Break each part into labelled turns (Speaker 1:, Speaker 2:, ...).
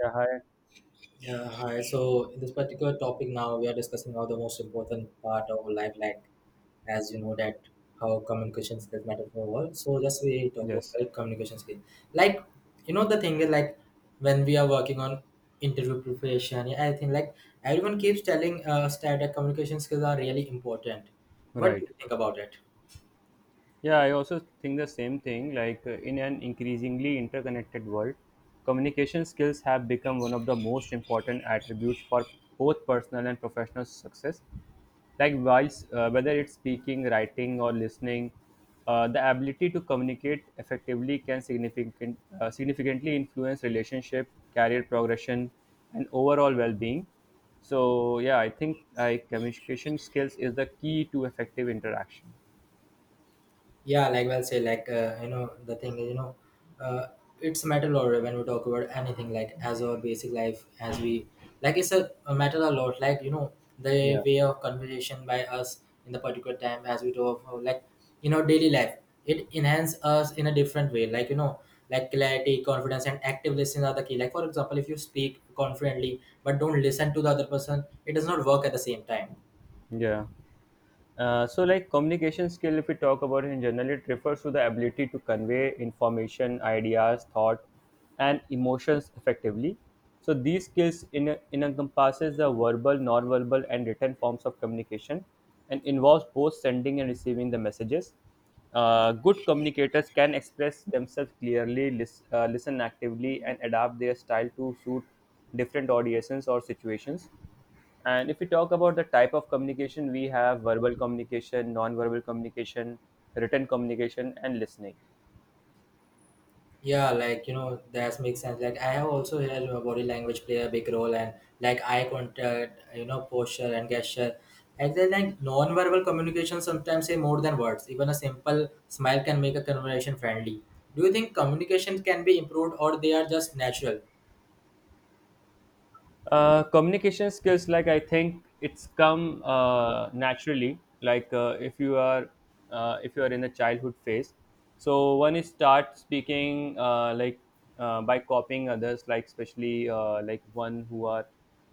Speaker 1: Yeah, hi.
Speaker 2: Yeah, hi. So in this particular topic now, we are discussing how the most important part of life, like as you know that how communication skills matter for the world. So just we talk about
Speaker 1: Yes,
Speaker 2: like, communication skills. Like you know the thing is like when we are working on interview preparation, yeah, I think like everyone keeps telling us that the communication skills are really important. What do
Speaker 1: right.
Speaker 2: you think about it?
Speaker 1: Yeah, I also think the same thing. In an increasingly interconnected world, communication skills have become one of the most important attributes for both personal and professional success. Like voice, whether it's speaking, writing, or listening, the ability to communicate effectively can significantly influence relationship, career progression, and overall well-being. So yeah, I think communication skills is the key to effective interaction.
Speaker 2: Yeah, like well say like you know the thing is you know uh, it's a matter a lot when we talk about anything like as our basic life as we like it's a matter a lot like you know the
Speaker 1: Yeah,
Speaker 2: way of conversation by us in the particular time as we talk about, like you know daily life. It enhance us in a different way like you know like clarity confidence and active listening are the key. Like for example if you speak confidently but don't listen to the other person it does not work at the same time.
Speaker 1: yeah. So like communication skill, if we talk about it in general, it refers to the ability to convey information, ideas, thought, and emotions effectively. So these skills in encompasses the verbal, non-verbal, and written forms of communication, and involves both sending and receiving the messages. Good communicators can express themselves clearly, listen actively, and adapt their style to suit different audiences or situations. And if we talk about the type of communication, we have verbal communication, non-verbal communication, written communication, and listening.
Speaker 2: Yeah, like you know, that makes sense. Like I have also heard your body language play a big role, and like eye contact, you know, posture and gesture. Like then, like non-verbal communication sometimes say more than words. Even a simple smile can make a conversation friendly. Do you think communication can be improved, or they are just natural?
Speaker 1: Communication skills, like, I think it's come naturally. If you are if you are in the childhood phase, so one is start speaking by copying others, like especially like one who are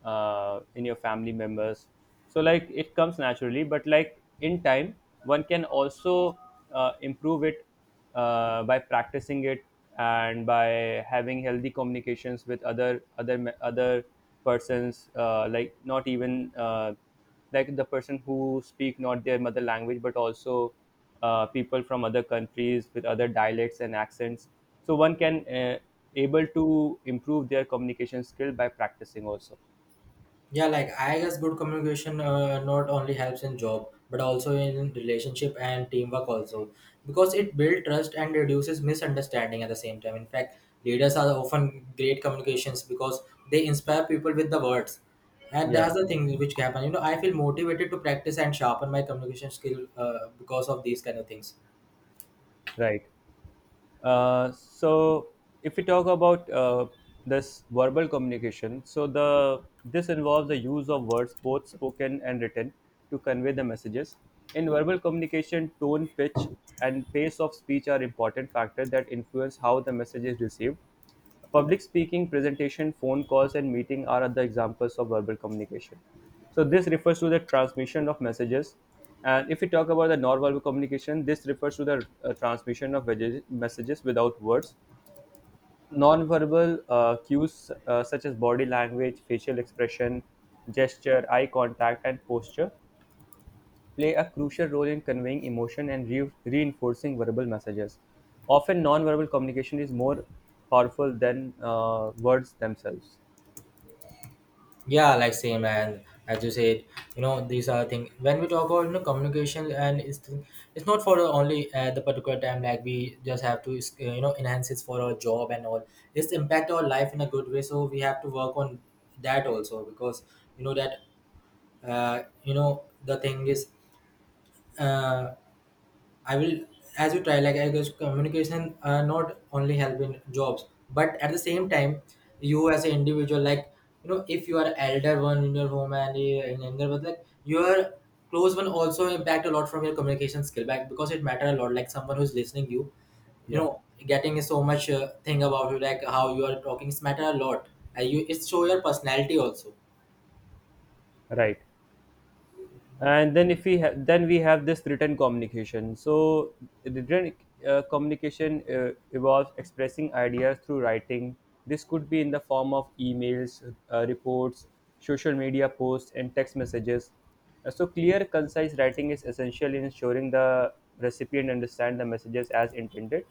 Speaker 1: in your family members. So like it comes naturally, but like in time, one can also improve it by practicing it, and by having healthy communications with other persons. Like, not even like the person who speak not their mother language, but also people from other countries with other dialects and accents. So one can able to improve their communication skill by practicing also.
Speaker 2: Yeah, like I guess good communication not only helps in job but also in relationship and teamwork also because it builds trust and reduces misunderstanding at the same time. In fact, leaders are often great communications because they inspire people with the words, and
Speaker 1: Yeah,
Speaker 2: that's the thing which can happen. You know, I feel motivated to practice and sharpen my communication skill because of these kind of things.
Speaker 1: right. So if we talk about this verbal communication, so the this involves the use of words, both spoken and written, to convey the messages. In verbal communication, tone, pitch, and pace of speech are important factors that influence how the message is received. Public speaking, presentation, phone calls, and meeting are other examples of verbal communication. So this refers to the transmission of messages. And if we talk about the non-verbal communication, this refers to the transmission of messages without words. Nonverbal cues such as body language, facial expression, gesture, eye contact, and posture play a crucial role in conveying emotion and reinforcing verbal messages. Often, non-verbal communication is more powerful than words themselves.
Speaker 2: Yeah like same and as you said you know these are things when we talk about you know communication and it's not for only at the particular time like we just have to you know enhance it for our job and all. It's impact our life in a good way so we have to work on that also because you know that the thing is uh, I will, as you try, like I guess communication not only help in jobs, but at the same time, you as an individual, like you know, if you are elder one in your home and in another, but like your close one also impact a lot from your communication skill back because it matter a lot. Like someone who's listening you, you
Speaker 1: Yeah,
Speaker 2: know, getting so much thing about you, like how you are talking, it's matter a lot. And you it show your personality also.
Speaker 1: right. And then if we ha- then we have this written communication. So written communication involves expressing ideas through writing. This could be in the form of emails, reports, social media posts, and text messages. So clear, concise writing is essential in ensuring the recipient understand the messages as intended.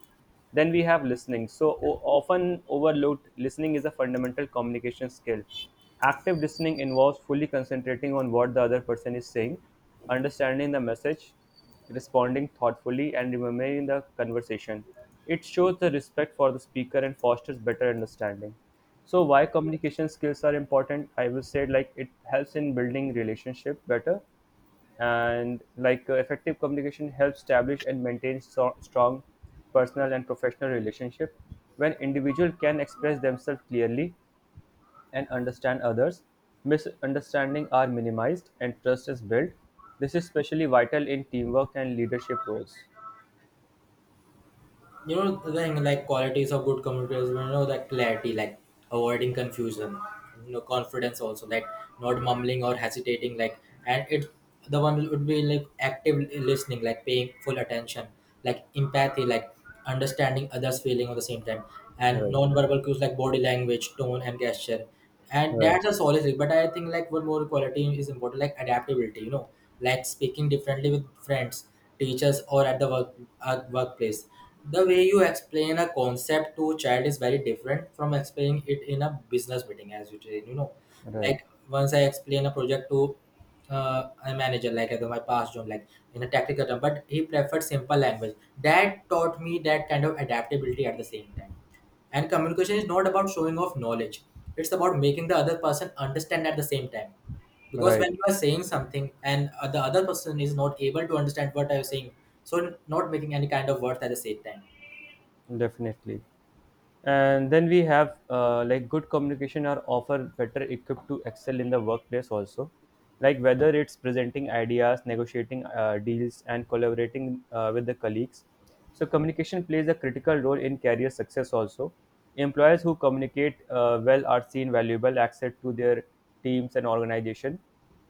Speaker 1: Then we have listening. So, often overlooked, listening is a fundamental communication skill. Active listening involves fully concentrating on what the other person is saying, understanding the message, responding thoughtfully, and remembering the conversation. It shows the respect for the speaker and fosters better understanding. So, why communication skills are important? I will say, like, it helps in building relationship better. And like, effective communication helps establish and maintain strong personal and professional relationship. When individual can express themselves clearly and understand others, misunderstanding are minimized and trust is built. This is especially vital in teamwork and leadership roles.
Speaker 2: You know the thing like qualities of good communicators you know that clarity like avoiding confusion you know confidence also like not mumbling or hesitating like and it the one would be like active listening like paying full attention like empathy like understanding others feeling at the same time and
Speaker 1: Right.
Speaker 2: non-verbal cues like body language tone and gesture. And
Speaker 1: Right.
Speaker 2: that's a solid thing but I think like one more quality is important like adaptability you know, like speaking differently with friends, teachers or at the work workplace. The way you explain a concept to a child is very different from explaining it in a business meeting as you say. You know,
Speaker 1: Right.
Speaker 2: like once I explain a project to a manager like at my past job like in a technical term but he preferred simple language. That taught me that kind of adaptability at the same time. And communication is not about showing off knowledge, it's about making the other person understand at the same time. Because
Speaker 1: Right.
Speaker 2: when you are saying something and the other person is not able to understand what I was saying, so not making any kind of words at the same time.
Speaker 1: Definitely. And then we have like good communication are often better equipped to excel in the workplace also. Like whether it's presenting ideas, negotiating deals, and collaborating with the colleagues. So communication plays a critical role in career success also. Employers who communicate well are seen valuable access to their teams and organization.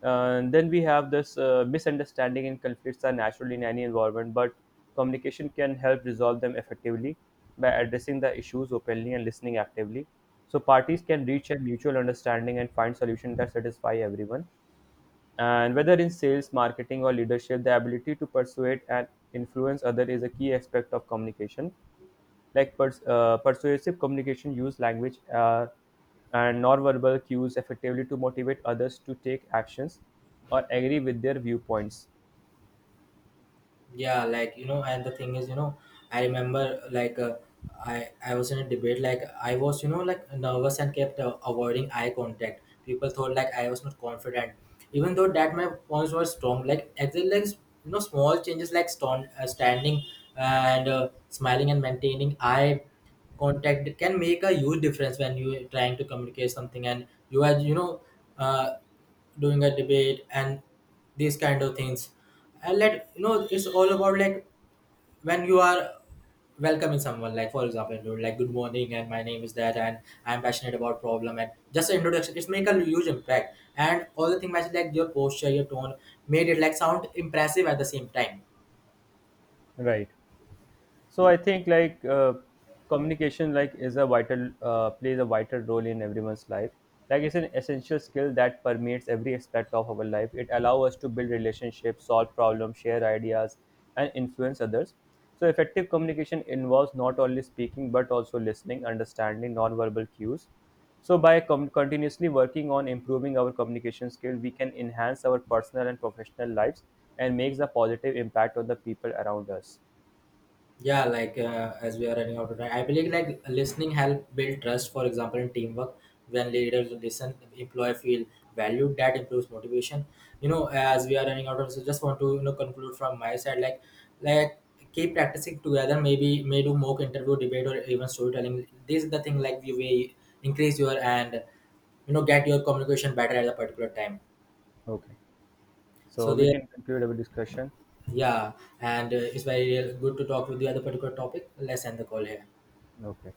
Speaker 1: And then we have this misunderstanding and conflicts are natural in any environment, but communication can help resolve them effectively by addressing the issues openly and listening actively. So parties can reach a mutual understanding and find solutions that satisfy everyone. And whether in sales, marketing, or leadership, the ability to persuade and influence others is a key aspect of communication. Like persuasive communication, use language and nonverbal cues effectively to motivate others to take actions or agree with their viewpoints.
Speaker 2: Yeah like you know and the thing is you know I remember like I was in a debate like I was you know like nervous and kept avoiding eye contact. People thought like I was not confident even though that my points were strong. Like actually like you know small changes like standing uh, and smiling and maintaining eye contact can make a huge difference when you are trying to communicate something and you are you know uh, doing a debate and these kind of things. And let you know it's all about like when you are welcoming someone, like for example you're like good morning and my name is that and I'm passionate about problem and just an introduction, it's make a huge impact and all the thing matches like your posture your tone made it like sound impressive at the same time.
Speaker 1: Right. So I think like communication like is a vital plays a vital role in everyone's life. Like it's an essential skill that permeates every aspect of our life. It allows us to build relationships, solve problems, share ideas, and influence others. So effective communication involves not only speaking but also listening, understanding nonverbal cues. So by continuously working on improving our communication skill, we can enhance our personal and professional lives and makes a positive impact on the people around us.
Speaker 2: Yeah like as we are running out of time I believe like listening help build trust. For example in teamwork when leaders listen employee feel valued that improves motivation. You know as we are running out of, so just want to you know conclude from my side, like keep practicing together maybe may do mock interview debate or even storytelling. This is the thing like you will increase your and you know get your communication better at a particular time.
Speaker 1: Okay.
Speaker 2: So
Speaker 1: So we
Speaker 2: there,
Speaker 1: can conclude our discussion.
Speaker 2: yeah, and it's very good to talk with you at a particular topic. Let's end the call here.
Speaker 1: Okay.